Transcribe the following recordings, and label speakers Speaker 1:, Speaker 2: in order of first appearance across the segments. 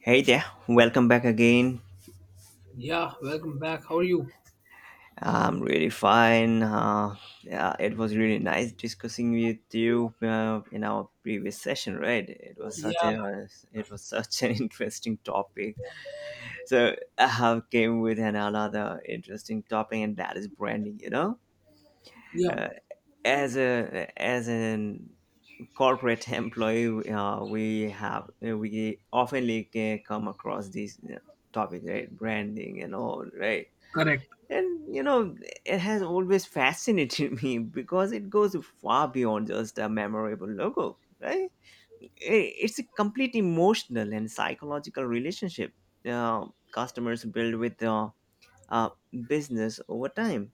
Speaker 1: Hey there, welcome back again.
Speaker 2: Yeah, welcome back. How are you?
Speaker 1: I'm really fine. Yeah, it was really nice discussing with you in our previous session, right? It was such
Speaker 2: Yeah,
Speaker 1: a it was such an interesting topic. So I have came with an another interesting topic, and that is branding. You know,
Speaker 2: yeah,
Speaker 1: uh, as an corporate employee, we oftenly come across these topics, right? Branding and all, right?
Speaker 2: Correct.
Speaker 1: And you know, it has always fascinated me because it goes far beyond just a memorable logo, right? It's a complete emotional and psychological relationship uh, customers build with uh, business over time.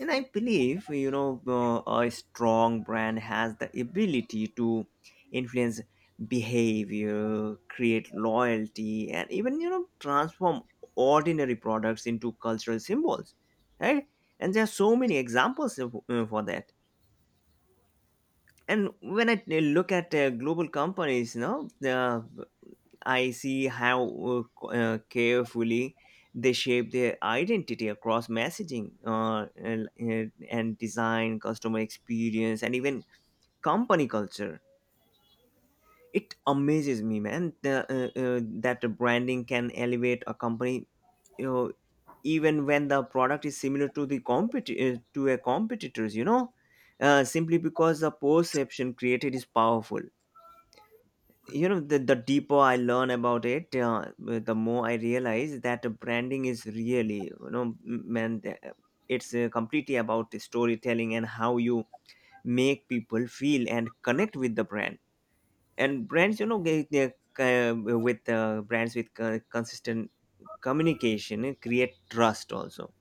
Speaker 1: And I believe, you know, a strong brand has the ability to influence behavior, create loyalty, and even, you know, transform ordinary products into cultural symbols, right? And there are so many examples of, for that. And when I look at global companies, you know, the I see how carefully they shape their identity across messaging and design, customer experience, and even company culture. It amazes me, man, that the branding can elevate a company, you know, even when the product is similar to the to a competitors. You know, simply because the perception created is powerful. You know, the deeper I learn about it, the more I realize that branding is really, you know, man, it's completely about the storytelling and how you make people feel and connect with the brand. And brands, you know, they, with brands with consistent communication create trust also,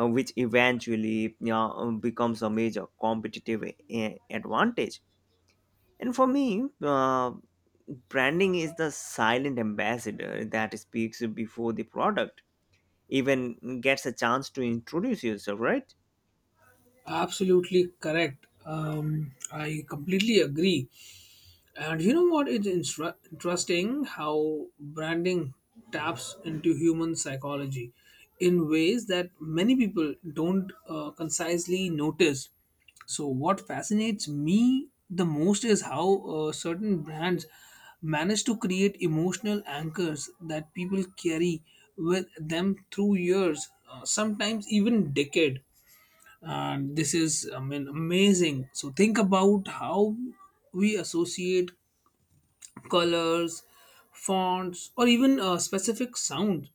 Speaker 1: which eventually, you know, becomes a major competitive advantage. And for me, branding is the silent ambassador that speaks before the product even gets a chance to introduce yourself, right?
Speaker 2: Absolutely correct. I completely agree. And you know what? It's interesting how branding taps into human psychology in ways that many people don't concisely notice. So, what fascinates me the most is how certain brands manage to create emotional anchors that people carry with them through years, sometimes even decade. And this is, I mean, amazing. So, think about how we associate colors, fonts, or even specific sounds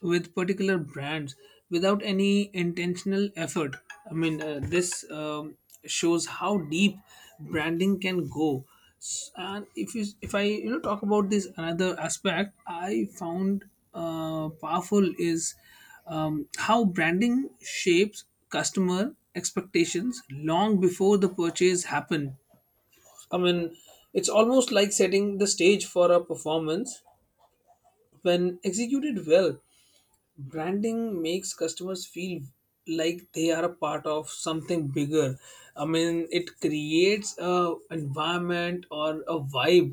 Speaker 2: with particular brands without any intentional effort. This shows how deep branding can go. And if I you know talk about this another aspect, I found powerful is how branding shapes customer expectations long before the purchase happen. I mean, it's almost like setting the stage for a performance. When executed well, branding makes customers feel like they are a part of something bigger. I mean, it creates a environment or a vibe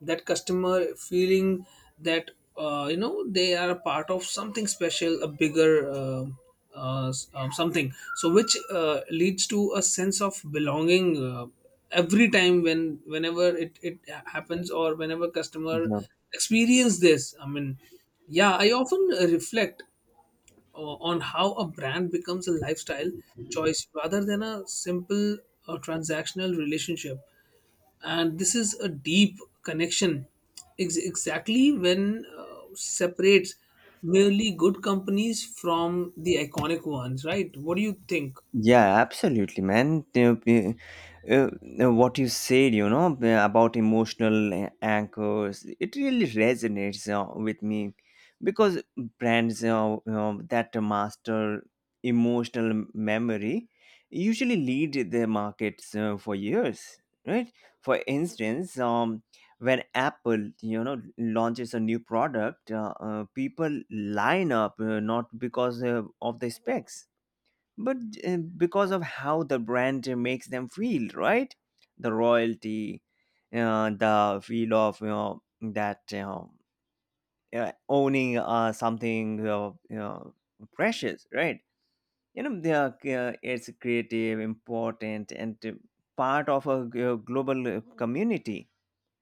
Speaker 2: that customer feeling that you know they are a part of something special, a bigger something, so which leads to a sense of belonging, every time whenever it happens or whenever customer experience this. I mean, yeah, I often reflect on how a brand becomes a lifestyle choice rather than a simple transactional relationship. And this is a deep connection, exactly when separates merely good companies from the iconic ones, right? What do you think?
Speaker 1: Yeah, absolutely, man. Uh, what you said, you know, about emotional anchors, it really resonates with me because brands that master emotional memory usually lead their markets for years, right? For instance, when Apple, you know, launches a new product, people line up not because of the specs, but because of how the brand makes them feel, right? The royalty, the feel of, you know, that, you know, owning something, you know, precious, right? You know, they are, it's creative important and part of a global community,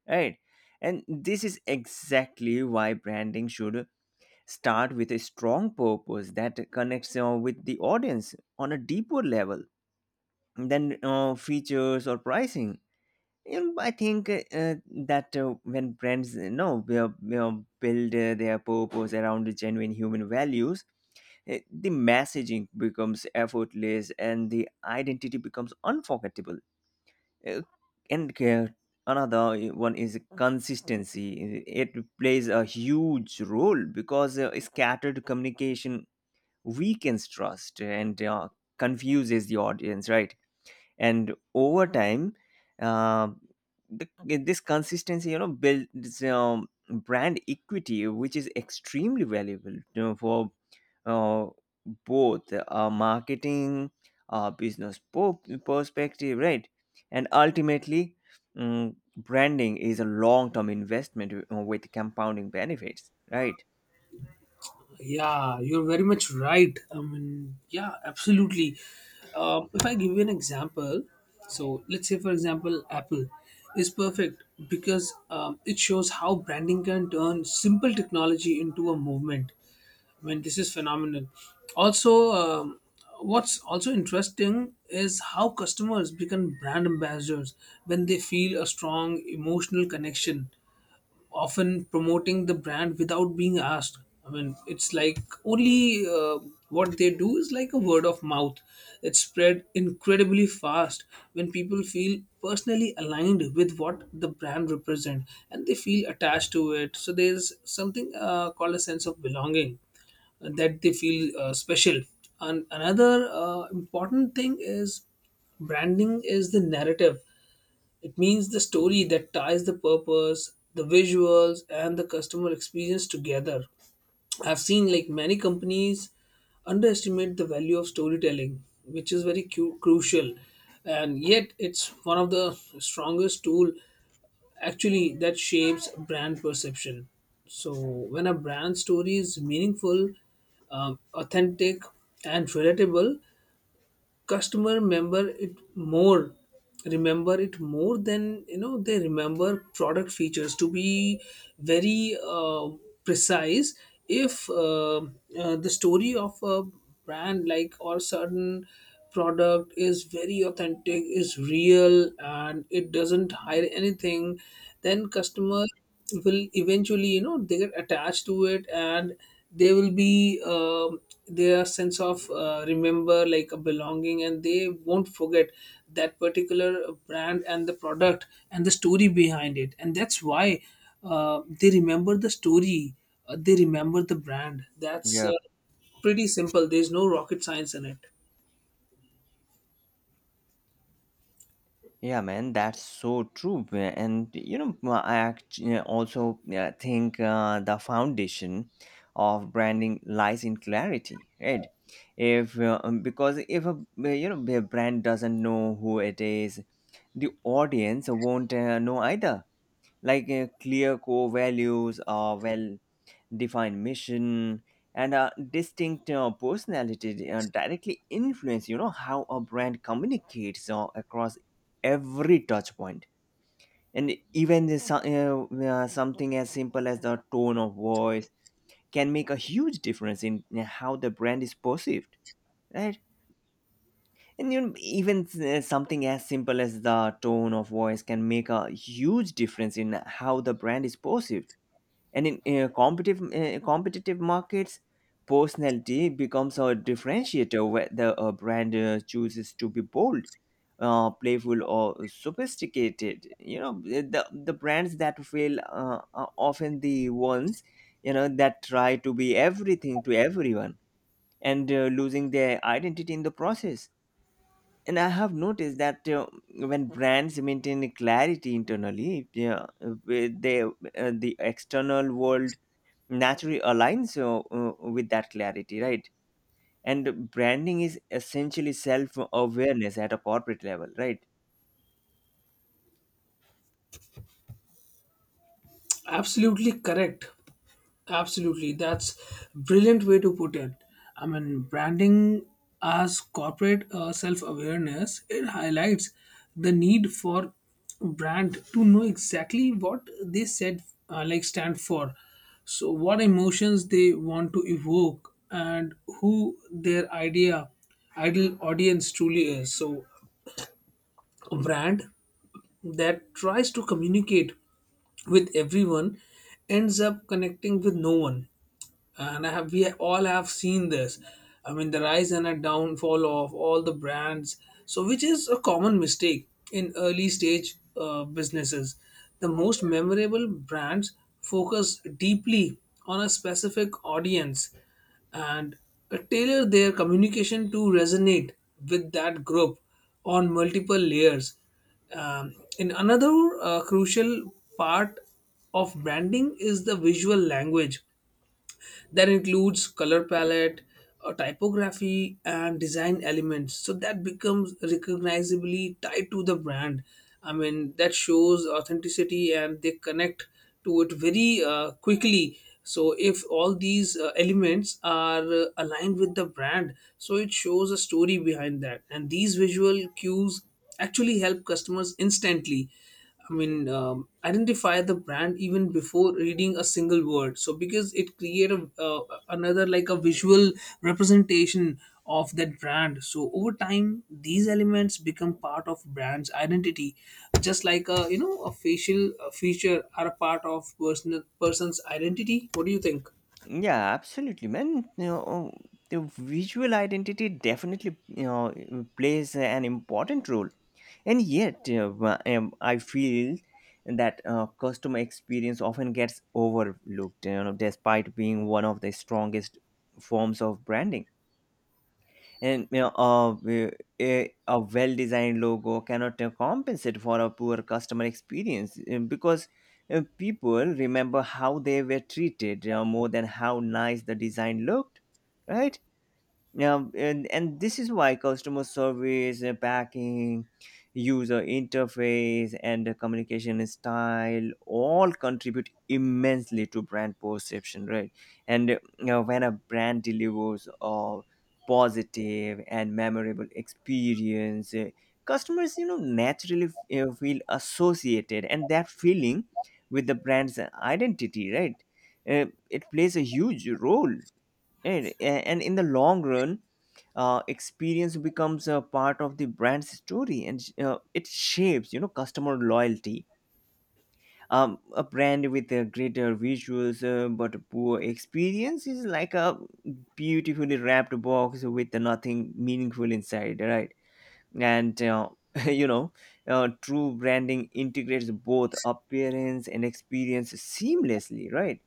Speaker 1: right? And this is exactly why branding should start with a strong purpose that connects with the audience on a deeper level then features or pricing. You know, I think that when brands, you know, build their purpose around the genuine human values, the messaging becomes effortless and the identity becomes unforgettable. Eh, and eh, another one is consistency. It plays a huge role because scattered communication weakens trust and confuses the audience, right? And over time, uh, the, this consistency, you know, builds brand equity, which is extremely valuable, you know, for uh, both marketing business perspective, right? And ultimately, branding is a long-term investment with compounding benefits, right?
Speaker 2: Yeah, you're very much right. I mean, yeah, absolutely. If I give you an example, so let's say, for example, Apple is perfect because it shows how branding can turn simple technology into a movement. I mean, this is phenomenal. Also, what's also interesting is how customers become brand ambassadors when they feel a strong emotional connection, often promoting the brand without being asked. I mean, it's like only what they do is like a word of mouth. It's spread incredibly fast when people feel personally aligned with what the brand represent, and they feel attached to it. So there's something called a sense of belonging, that they feel special. And another important thing is branding is the narrative. It means the story that ties the purpose, the visuals, and the customer experience together. I've seen like many companies underestimate the value of storytelling, which is very crucial, and yet it's one of the strongest tool actually that shapes brand perception. So when a brand story is meaningful, authentic, and relatable, customer remember it more than you know they remember product features, to be very precise. If the story of a brand like or certain product is very authentic, is real, and it doesn't hide anything, then customer will eventually you know they get attached to it, and they will be their sense of remember like a belonging, and they won't forget that particular brand and the product and the story behind it. And that's why they remember the story, they remember the brand. That's
Speaker 1: Yeah.
Speaker 2: pretty simple. There's no rocket science in it.
Speaker 1: Yeah, man, that's so true. And you know, I actually also think the foundation of branding lies in clarity, right? If because if a, you know, a brand doesn't know who it is, the audience won't know either. Like clear core values are well define mission and a distinct personality directly influence, you know, how a brand communicates across every touch point. And even something as simple as the tone of voice can make a huge difference in how the brand is perceived, right? And you know, even something as simple as the tone of voice can make a huge difference in how the brand is perceived. And in uh, competitive markets, personality becomes a differentiator. Whether a brand chooses to be bold, playful or sophisticated, you know, the brands that fail are often the ones, you know, that try to be everything to everyone and losing their identity in the process. And I have noticed that when brands maintain clarity internally, yeah, with they, uh, the external world naturally aligns with that clarity, right? And branding is essentially self awareness at a corporate level, right?
Speaker 2: Absolutely correct. Absolutely, that's brilliant way to put it. I mean, branding as corporate self awareness, it highlights the need for brand to know exactly what they said, like stand for, so what emotions they want to evoke, and who their ideal audience truly is. So, a brand that tries to communicate with everyone ends up connecting with no one, and I have we all have seen this. I mean, the rise and a downfall of all the brands, so which is a common mistake in early stage businesses. The most memorable brands focus deeply on a specific audience, and tailor their communication to resonate with that group on multiple layers. Um, and another crucial part of branding is the visual language that includes color palette, typography, and design elements, so that becomes recognizably tied to the brand. I mean that shows authenticity and they connect to it very quickly. So if all these elements are aligned with the brand, so it shows a story behind that, and these visual cues actually help customers instantly. I mean, identify the brand even before reading a single word. So because it create a, another like a visual representation of that brand. So over time, these elements become part of brand's identity, just like a you know a facial feature are a part of personal person's identity. What do you think?
Speaker 1: Yeah, absolutely, man. You know, the visual identity definitely, you know, plays an important role. And yet, I feel that customer experience often gets overlooked, you know, despite being one of the strongest forms of branding. And you know, a well-designed logo cannot compensate for a poor customer experience, because people remember how they were treated more than how nice the design looked, right? Now, and this is why customer service, backing, user interface, and the communication style all contribute immensely to brand perception, right? And you know, when a brand delivers a positive and memorable experience, customers, you know, naturally, you know, feel associated, and that feeling with the brand's identity, right? It plays a huge role. Right. And in the long run, experience becomes a part of the brand's story, and it shapes, you know, customer loyalty. A brand with a greater visuals but a poor experience is like a beautifully wrapped box with nothing meaningful inside, right? And you know, true branding integrates both appearance and experience seamlessly, right?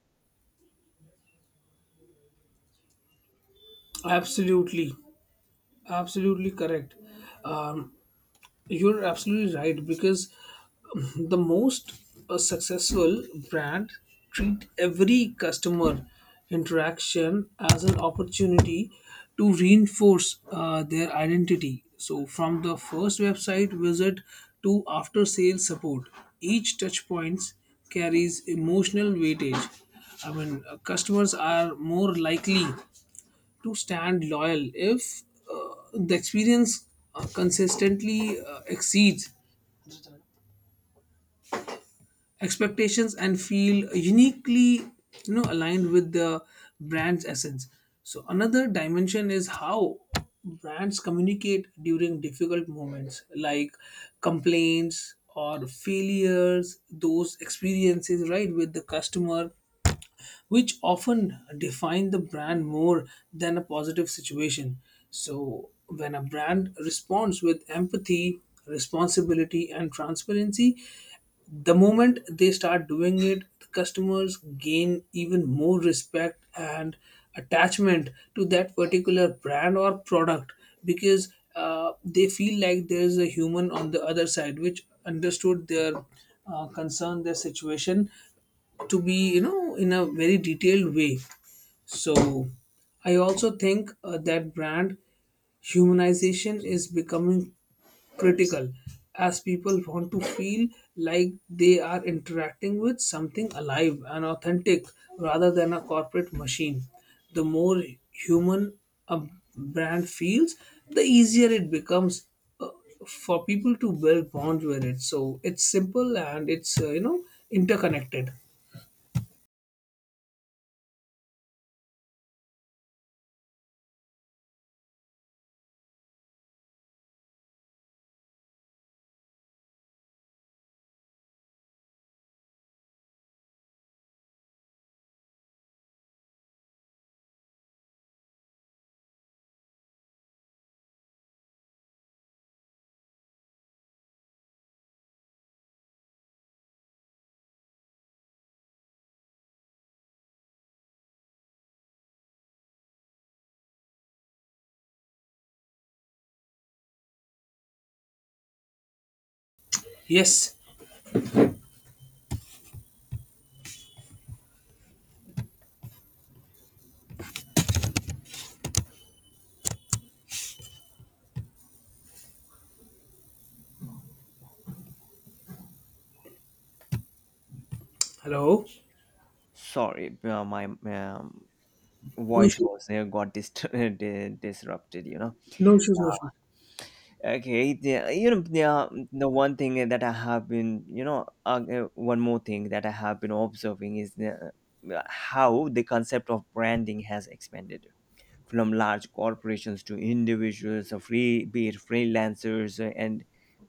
Speaker 2: Absolutely, absolutely correct. Um, You're absolutely right because the most successful brand treat every customer interaction as an opportunity to reinforce their identity. So from the first website visit to after sales support, each touch points carries emotional weightage. I mean, customers are more likely to stand loyal if the experience consistently exceeds expectations and feel uniquely you know aligned with the brand's essence. So another dimension is how brands communicate during difficult moments like complaints or failures, those experiences right with the customer, which often define the brand more than a positive situation. So, when a brand responds with empathy, responsibility, and transparency, the moment they start doing it, the customers gain even more respect and attachment to that particular brand or product, because they feel like there's a human on the other side which understood their concern, their situation, to be you know in a very detailed way. So I also think that brand humanization is becoming critical, as people want to feel like they are interacting with something alive and authentic rather than a corporate machine. The more human a brand feels, the easier it becomes uh, for people to build bonds with it. So it's simple and it's you know interconnected. Yes. Hello?
Speaker 1: Sorry, my
Speaker 2: No
Speaker 1: voice
Speaker 2: issues,
Speaker 1: was got disrupted. You know.
Speaker 2: no issues, no shoes.
Speaker 1: Okay, the, you know the one thing that I have been, you know, one more thing that I have been observing is how the concept of branding has expanded from large corporations to individuals, free be it freelancers and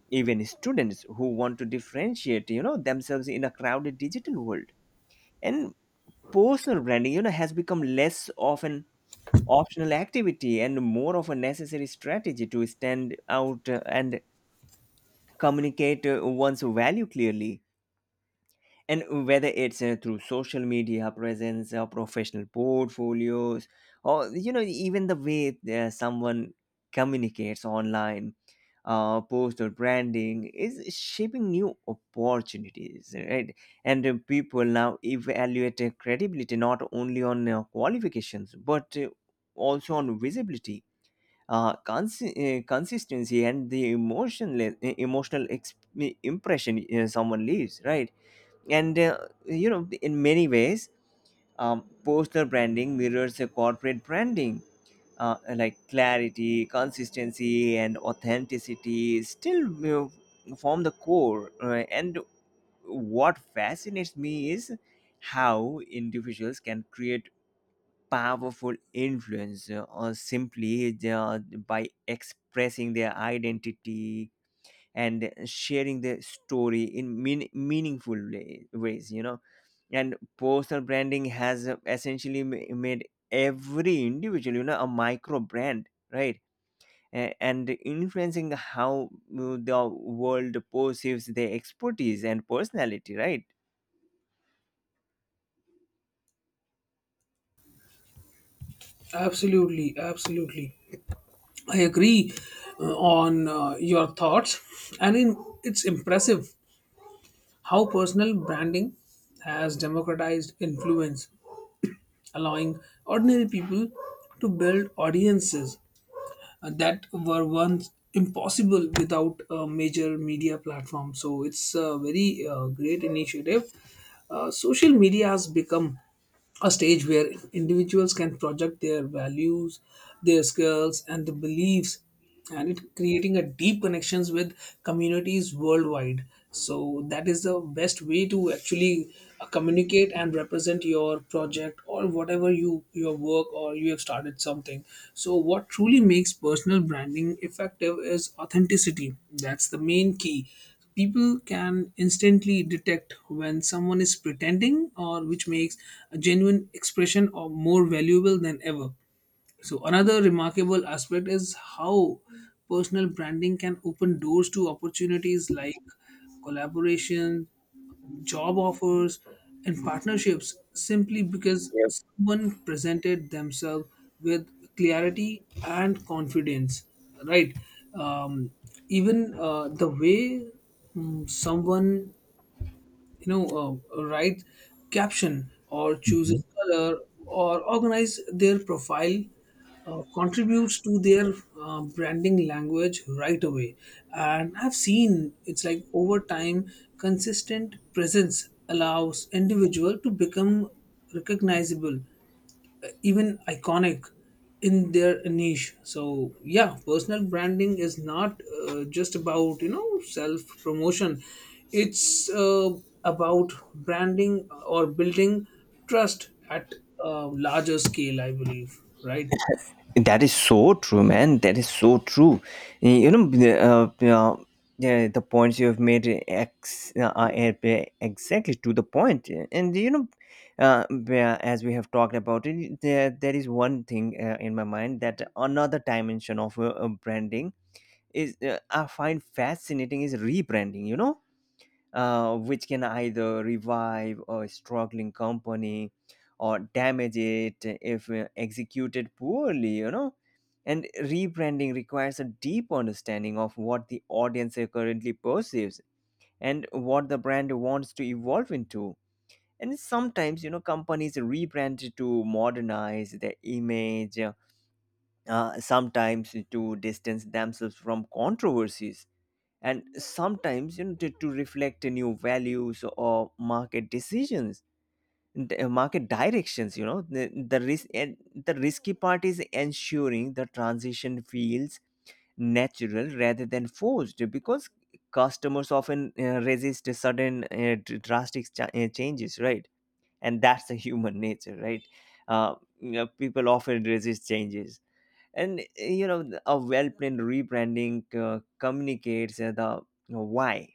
Speaker 1: even students who want to differentiate, you know, themselves in a crowded digital world. And personal branding, you know, has become less of an optional activity and more of a necessary strategy to stand out and communicate one's value clearly. And whether it's through social media presence or professional portfolios, or, you know, even the way someone communicates online, postal branding is shaping new opportunities, right? And people now evaluate credibility not only on qualifications but also on visibility, consistency and the emotional impression someone leaves, right? And you know, in many ways, personal branding mirrors a corporate branding, like clarity, consistency and authenticity still, you know, form the core, right? And what fascinates me is how individuals can create powerful influence, or simply by expressing their identity and sharing their story in meaningful ways, you know. And personal branding has essentially made every individual, you know, a micro brand, right? And influencing how the world perceives their expertise and personality, right?
Speaker 2: Absolutely, absolutely. I agree on your thoughts. And in, it's impressive how personal branding has democratized influence, allowing ordinary people to build audiences that were once impossible without a major media platform. So it's a very great initiative. Social media has become a stage where individuals can project their values, their skills, and the beliefs, and it creating a deep connections with communities worldwide. So that is the best way to actually communicate and represent your project or whatever you your work or you have started something. So what truly makes personal branding effective is authenticity. That's the main key. People can instantly detect when someone is pretending, or which makes a genuine expression or more valuable than ever. So another remarkable aspect is how personal branding can open doors to opportunities like collaboration, job offers, and partnerships, simply because someone presented themselves with clarity and confidence, right? Um, even uh, the way someone you know write caption or chooses color or organize their profile contributes to their branding language right away. And I've seen it's like over time consistent presence allows individual to become recognizable, even iconic, in their niche. So yeah, personal branding is not just about you know self promotion. It's about branding or building trust at a larger scale, I believe, right?
Speaker 1: That is so true, man. That is so true. You know, the points you have made are exactly to the point. And you know, yeah, as we have talked about it, there is one thing in my mind that another dimension of branding is, I find fascinating is rebranding. You know, which can either revive a struggling company or damage it if executed poorly, you know. And rebranding requires a deep understanding of what the audience currently perceives and what the brand wants to evolve into. And sometimes, you know, companies rebrand to modernize their image, sometimes to distance themselves from controversies, and sometimes, you know, to reflect new values or market decisions, market directions. You know, the risk and the risky part is ensuring the transition feels natural rather than forced, because customers often resist sudden drastic changes, right? And that's the human nature, right? uh, you know, people often resist changes. And you know, a well-planned rebranding communicates the why,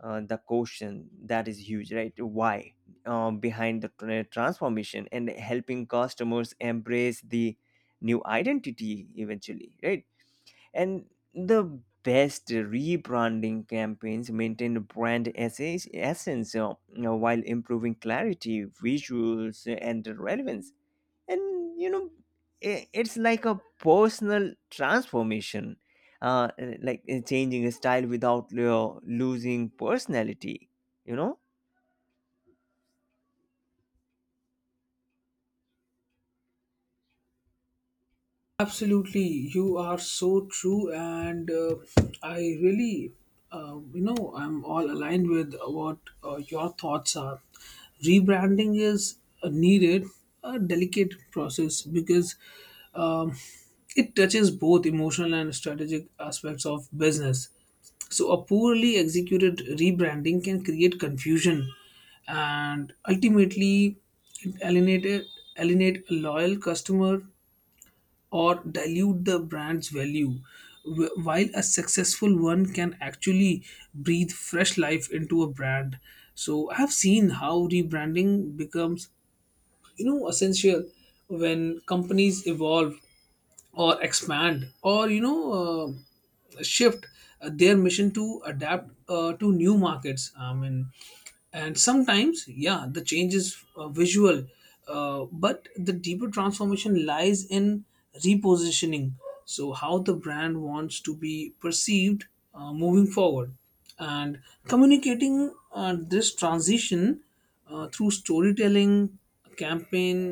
Speaker 1: the question that is huge, right? Why, behind the transformation, and helping customers embrace the new identity eventually, right? And the best rebranding campaigns maintain brand essence, you know, while improving clarity, visuals and relevance. And you know, it's like a personal transformation, uh like changing a style without losing personality, you know.
Speaker 2: Absolutely, you are so true, and I really, you know, I'm all aligned with what your thoughts are. Rebranding is a needed, a delicate process because um, it touches both emotional and strategic aspects of business. So, a poorly executed rebranding can create confusion, and ultimately it alienate a loyal customer or dilute the brand's value, while a successful one can actually breathe fresh life into a brand. So I have seen how rebranding becomes, you know, essential when companies evolve or expand or you know shift their mission to adapt to new markets. I mean, and sometimes yeah the change is visual, but the deeper transformation lies in repositioning, so how the brand wants to be perceived moving forward, and communicating this transition through storytelling campaign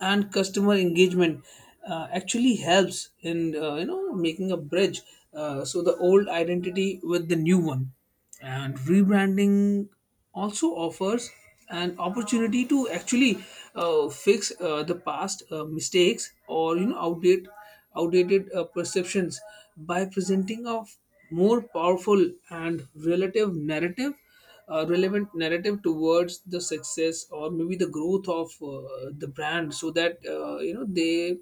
Speaker 2: and customer engagement actually helps in you know making a bridge so the old identity with the new one. And rebranding also offers an opportunity to actually fix the past mistakes or you know outdated perceptions by presenting a more powerful and relative narrative relevant narrative towards the success or maybe the growth of the brand. So that you know they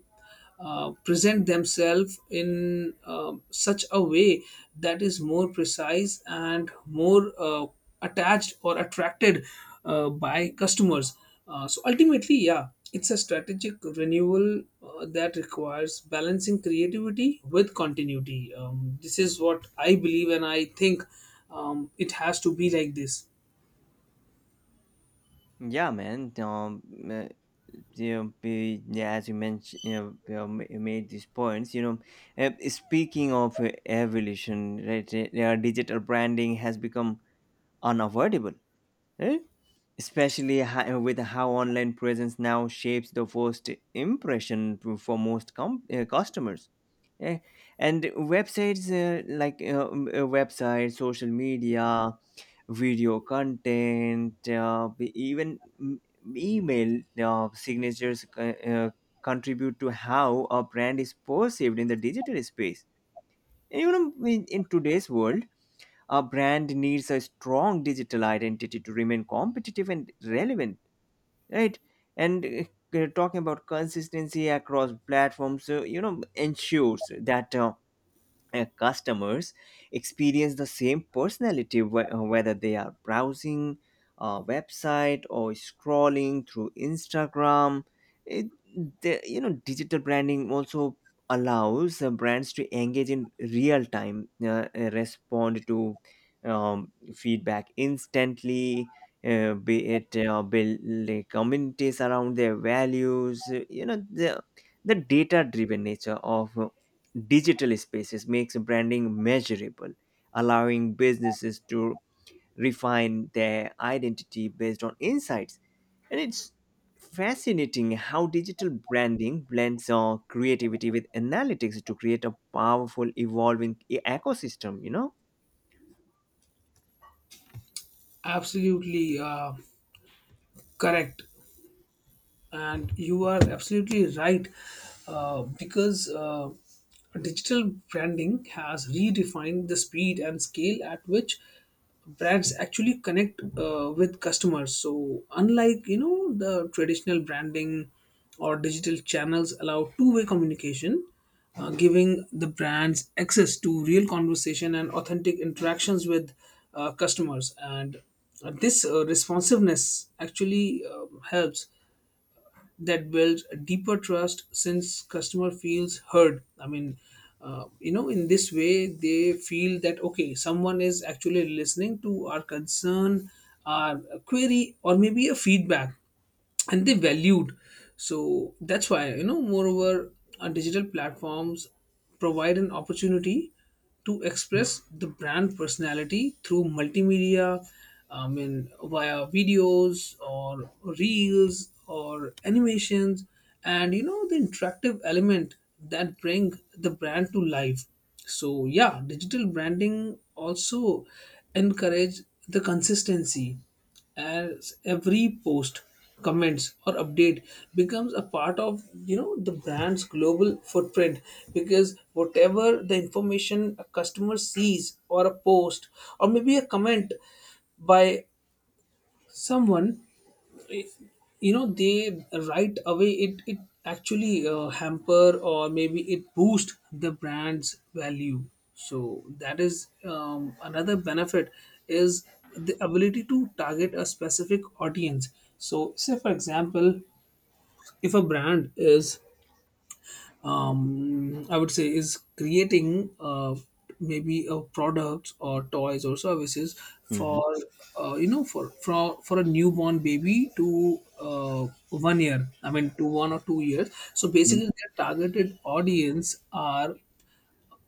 Speaker 2: present themselves in such a way that is more precise and more attached or attracted by customers. So ultimately, yeah, it's a strategic renewal that requires balancing creativity with continuity. This is what I believe, and I think it has to be like this.
Speaker 1: Yeah, man. Uh, yeah, yeah, as you mentioned, you know, you made these points. You know, speaking of evolution, right? Yeah, digital branding has become unavoidable. Right? Especially with how online presence now shapes the first impression for most customers. Eh, and websites, websites, social media, video content, even m- email signatures contribute to how a brand is perceived in the digital space. And, you know, in today's world, a brand needs a strong digital identity to remain competitive and relevant, right? And talking about consistency across platforms, you know, ensures that customers experience the same personality, whether they are browsing a website or scrolling through Instagram. it, you know, digital branding also allows brands to engage in real time, respond to feedback instantly, be it build, like, communities around their values. You know, the data driven nature of digital spaces makes branding measurable, allowing businesses to refine their identity based on insights. And it's fascinating how digital branding blends creativity with analytics to create a powerful, evolving ecosystem, you know?
Speaker 2: Absolutely correct. And you are absolutely right, because digital branding has redefined the speed and scale at which brands actually connect with customers. So unlike, you know, the traditional branding, or digital channels allow two-way communication, giving the brands access to real conversation and authentic interactions with customers. And this responsiveness actually helps, that builds a deeper trust since customer feels heard. I mean, you know, in this way they feel that okay, someone is actually listening to our concern, our query, or maybe a feedback, and they valued. So that's why, you know, moreover, our digital platforms provide an opportunity to express the brand personality through multimedia, I mean via videos or reels or animations, and you know the interactive element that bring the brand to life. So yeah, digital branding also encourage the consistency, as every post, comments or update becomes a part of, you know, the brand's global footprint. Because whatever the information a customer sees, or a post or maybe a comment by someone, you know, they right away it actually hamper or maybe it boost the brand's value. So that is, another benefit is the ability to target a specific audience. So say for example, if a brand is, I would say is creating, maybe a products or toys or services for
Speaker 1: Mhm.
Speaker 2: you know, for a newborn baby to 1 year, I mean to 1 or 2 years. So basically, their targeted audience are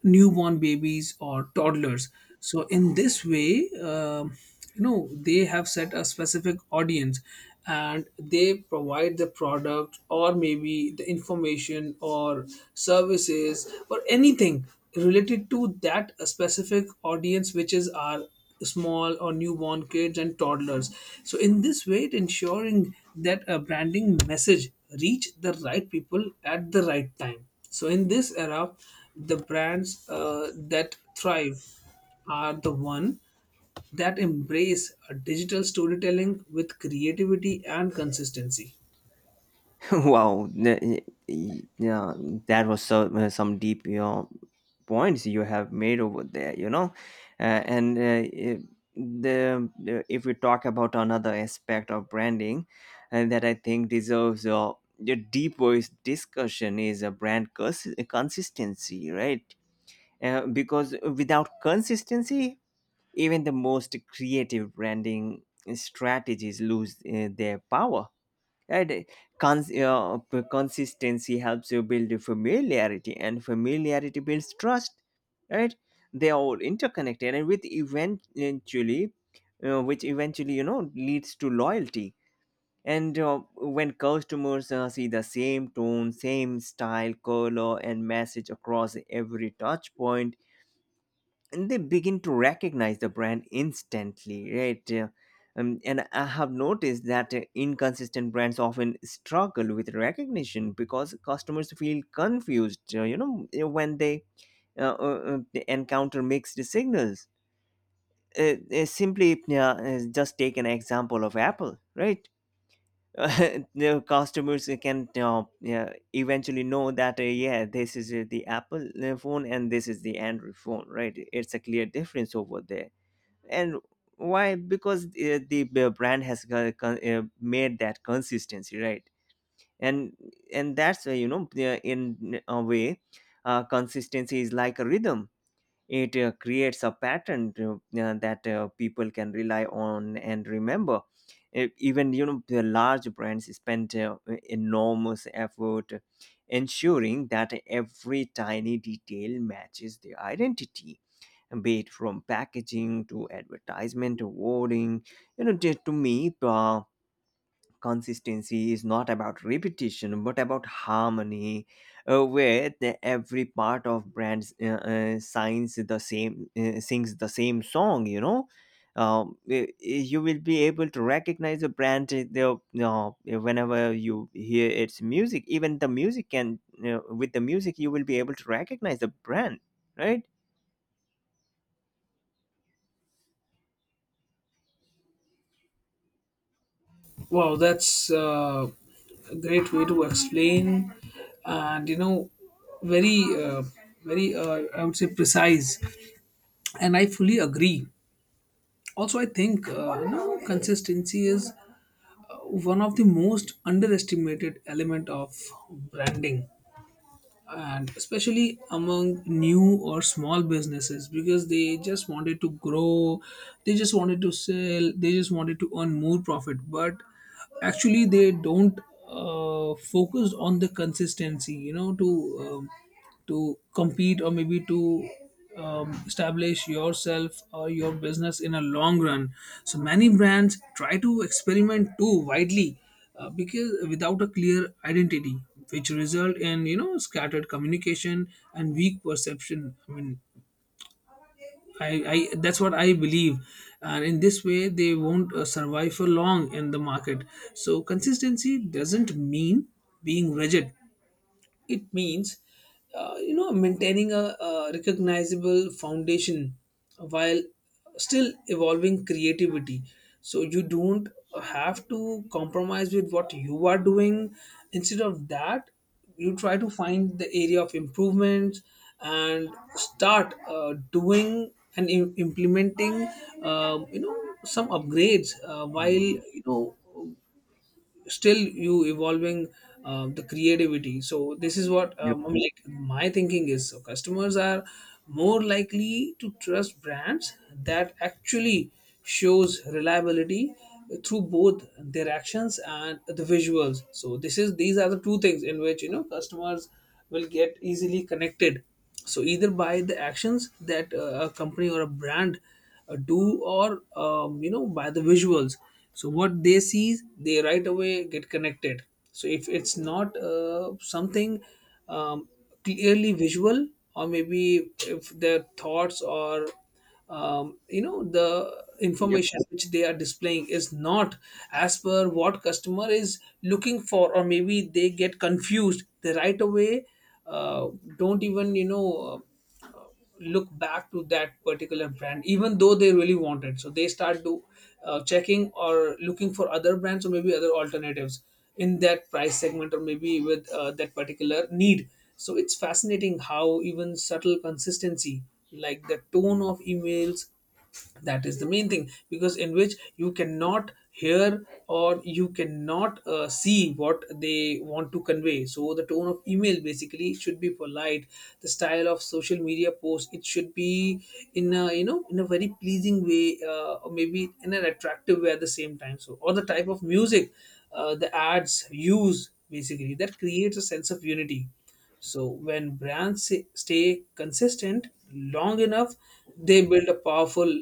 Speaker 2: newborn babies or toddlers. So in this way, you know, they have set a specific audience, and they provide the product or maybe the information or services or anything related to that specific audience, which is our small or newborn kids and toddlers. So in this way, it ensuring that a branding message reach the right people at the right time. So in this era, the brands that thrive are the one that embrace a digital storytelling with creativity and consistency.
Speaker 1: Wow. Yeah, that was so, some deep, you know, points you have made over there, you know. uh, and uh, i- the If we talk about another aspect of branding, and that I think deserves a the deep voice discussion is a brand consistency, right? Because without consistency, even the most creative branding strategies lose their power. Right. Consistency helps you build familiarity, and familiarity builds trust. Right? They are all interconnected, and with eventually, which eventually, you know, leads to loyalty. And when customers see the same tone, same style, color, and message across every touch point, and they begin to recognize the brand instantly, right? And I have noticed that inconsistent brands often struggle with recognition because customers feel confused, you know, when they encounter mixed signals. uh, Simply, just take an example of Apple, right? The customers can yeah, eventually know that yeah, this is the Apple phone and this is the Android phone, right? It's a clear difference over there. And why? Because the brand has made that consistency, right? And and that's in a way, consistency is like a rhythm. It creates a pattern that people can rely on and remember. Even, you know, the large brands spend enormous effort ensuring that every tiny detail matches their identity, be it from packaging to advertisement to wording. You know, to me, consistency is not about repetition but about harmony, where every part of brands signs the same sings the same song, you know. You will be able to recognize a brand, whenever you hear its music. Even the music can, you know, with the music you will be able to recognize the brand, right?
Speaker 2: Wow, that's a great way to explain, and you know, very, uh, very, I would say, precise, and I fully agree. Also I think, you know, consistency is one of the most underestimated element of branding, and especially among new or small businesses, because they just wanted to grow, they just wanted to sell, they just wanted to earn more profit. But actually they don't focus on the consistency, you know, um, to compete or maybe to establish yourself or your business in a long run. So many brands try to experiment too widely, because without a clear identity, which result in, you know, scattered communication and weak perception. I mean, I, I, that's what I believe, and in this way they won't survive for long in the market. So consistency doesn't mean being rigid, it means you know, maintaining a recognizable foundation while still evolving creativity. So you don't have to compromise with what you are doing. Instead of that, you try to find the area of improvements and start doing and implementing, you know, some upgrades while,
Speaker 1: Hmm.
Speaker 2: you know, still you evolving the creativity. So this is what,
Speaker 1: Yep.
Speaker 2: I mean, like my thinking is. So customers are more likely to trust brands that actually shows reliability through both their actions and the visuals. So this is, these are the two things in which, you know, customers will get easily connected. So either by the actions that a company or a brand do, or you know, by the visuals. So what they see, they right away get connected. So if it's not something um, clearly visual, or maybe if their thoughts or you know, the information which they are displaying is not as per what customer is looking for, or maybe they get confused, they right away uh, don't even, you know, look back to that particular brand, even though they really want it. So they start do checking or looking for other brands or maybe other alternatives in that price segment, or maybe with that particular need. So it's fascinating how even subtle consistency, like the tone of emails, that is the main thing, because in which you cannot hear or you cannot see what they want to convey. So the tone of email basically should be polite, the style of social media post, it should be in a, you know, in a very pleasing way, or maybe in an attractive way at the same time. So or the type of music the ads use, basically that creates a sense of unity. So when brands stay consistent long enough, they build a powerful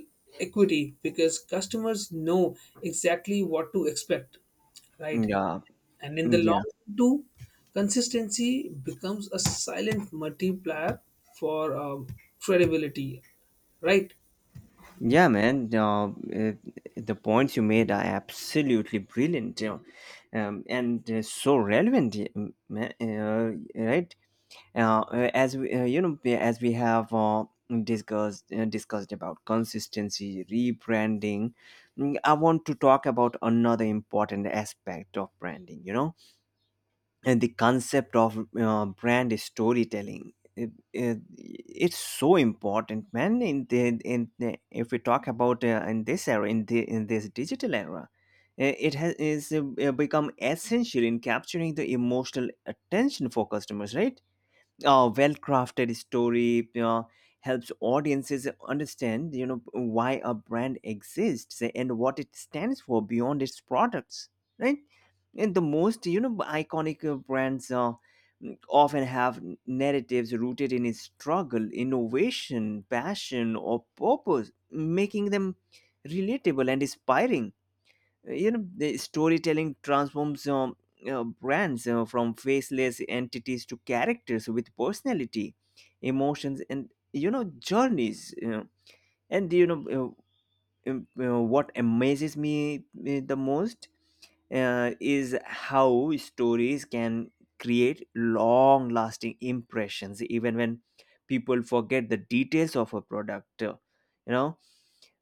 Speaker 2: equity because customers know exactly what to expect, right?
Speaker 1: Yeah,
Speaker 2: And in the
Speaker 1: yeah,
Speaker 2: long run too, consistency becomes a silent multiplier for, credibility, right?
Speaker 1: yeah, man. The points you made are absolutely brilliant, you know. And So relevant, right? As we, you know, as we have discussed about consistency, rebranding, mm, I want to talk about another important aspect of branding. You know, and the concept of brand storytelling, it's so important, man. If we talk about in this era, in this digital era, eh, it has is become essential in capturing the emotional attention for customers, right? A well-crafted story, you know, helps audiences understand, you know, why a brand exists and what it stands for beyond its products, right? And the most, you know, iconic brands often have narratives rooted in struggle, innovation, passion, or purpose, making them relatable and inspiring. You know, the storytelling transforms brands from faceless entities to characters with personality, emotions, and, you know, journeys. You know. And you know, uh, what amazes me the most is how stories can create long lasting impressions even when people forget the details of a product. You know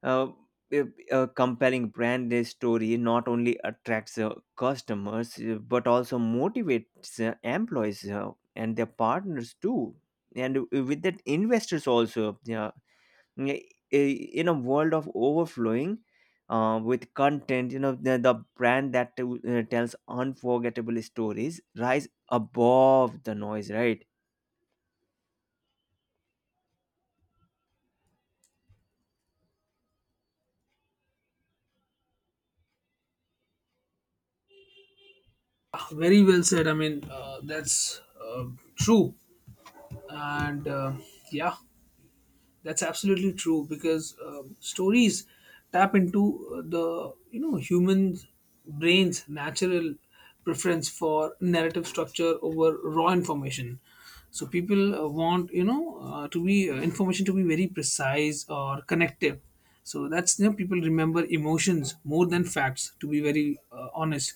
Speaker 1: uh, a a compelling brand story not only attracts customers but also motivates employees and their partners too, and with that investors also. Yeah, i- in a world of overflowing with content, you know, the brand that tells unforgettable stories rise above the noise, right?
Speaker 2: Ah, very well said. I mean, that's true. And yeah, that's absolutely true. Because stories tap into the, you know, human brain's natural preference for narrative structure over raw information. So people want, you know, to be information to be very precise or connective. So that's, you know, people remember emotions more than facts. To be very honest,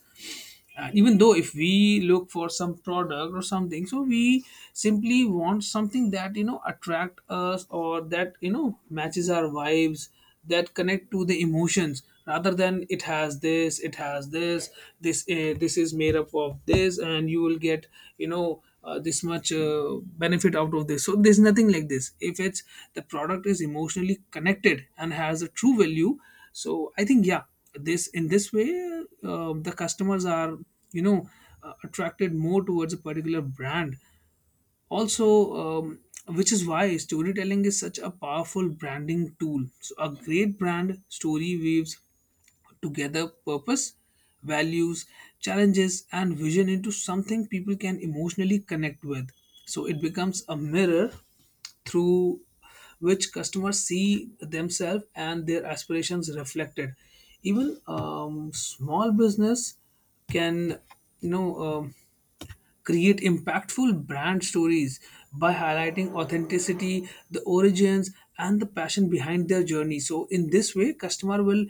Speaker 2: and even though if we look for some product or something, so we simply want something that, you know, attract us, or that, you know, matches our vibes, that connect to the emotions. Rather than it has this, this is made up of this and you will get, you know, this much benefit out of this. So there's nothing like this. If it's, the product is emotionally connected and has a true value, so I think, yeah, this in this way the customers are, you know, attracted more towards a particular brand. Also, um, which is why storytelling is such a powerful branding tool. So a great brand story weaves together purpose, values, challenges, and vision into something people can emotionally connect with. So it becomes a mirror through which customers see themselves and their aspirations reflected. Even, small business can, you know, create impactful brand stories by highlighting authenticity, the origins and the passion behind their journey. So in this way customer will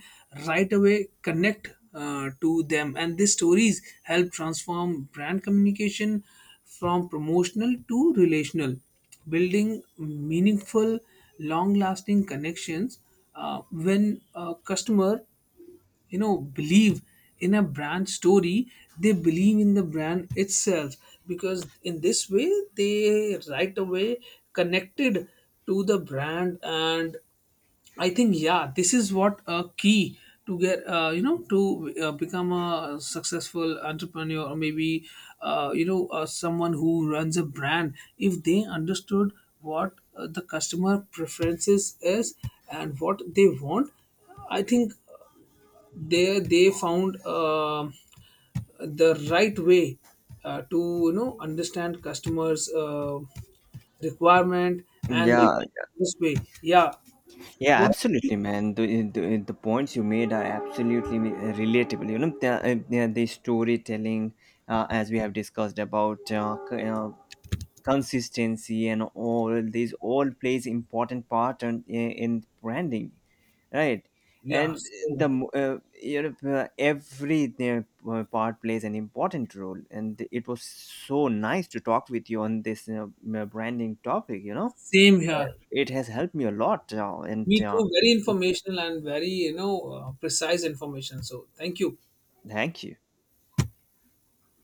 Speaker 2: right away connect to them. And these stories help transform brand communication from promotional to relational, building meaningful long lasting connections. Uh, when a customer, you know, believe in a brand story, they believe in the brand itself, because in this way they right away connected to the brand. And I think, yeah, this is what a key to get you know, to become a successful entrepreneur, or maybe you know, someone who runs a brand. If they understood what the customer preferences is and what they want, I think there they found the right way to, you know, understand customers requirement, and they
Speaker 1: Yeah,
Speaker 2: did it this way. Yeah,
Speaker 1: yeah,
Speaker 2: what?
Speaker 1: absolutely, man. The points you made are absolutely relatable. You know, the, the storytelling, as we have discussed about consistency and all, these all plays important part in branding, right?
Speaker 2: Yeah,
Speaker 1: And
Speaker 2: so
Speaker 1: you know, every part plays an important role, and it was so nice to talk with you on this branding topic, you know.
Speaker 2: same here.
Speaker 1: Uh, it has helped me a lot. And
Speaker 2: Me too. Very informational and very, you know, precise information, so thank you.
Speaker 1: Thank you.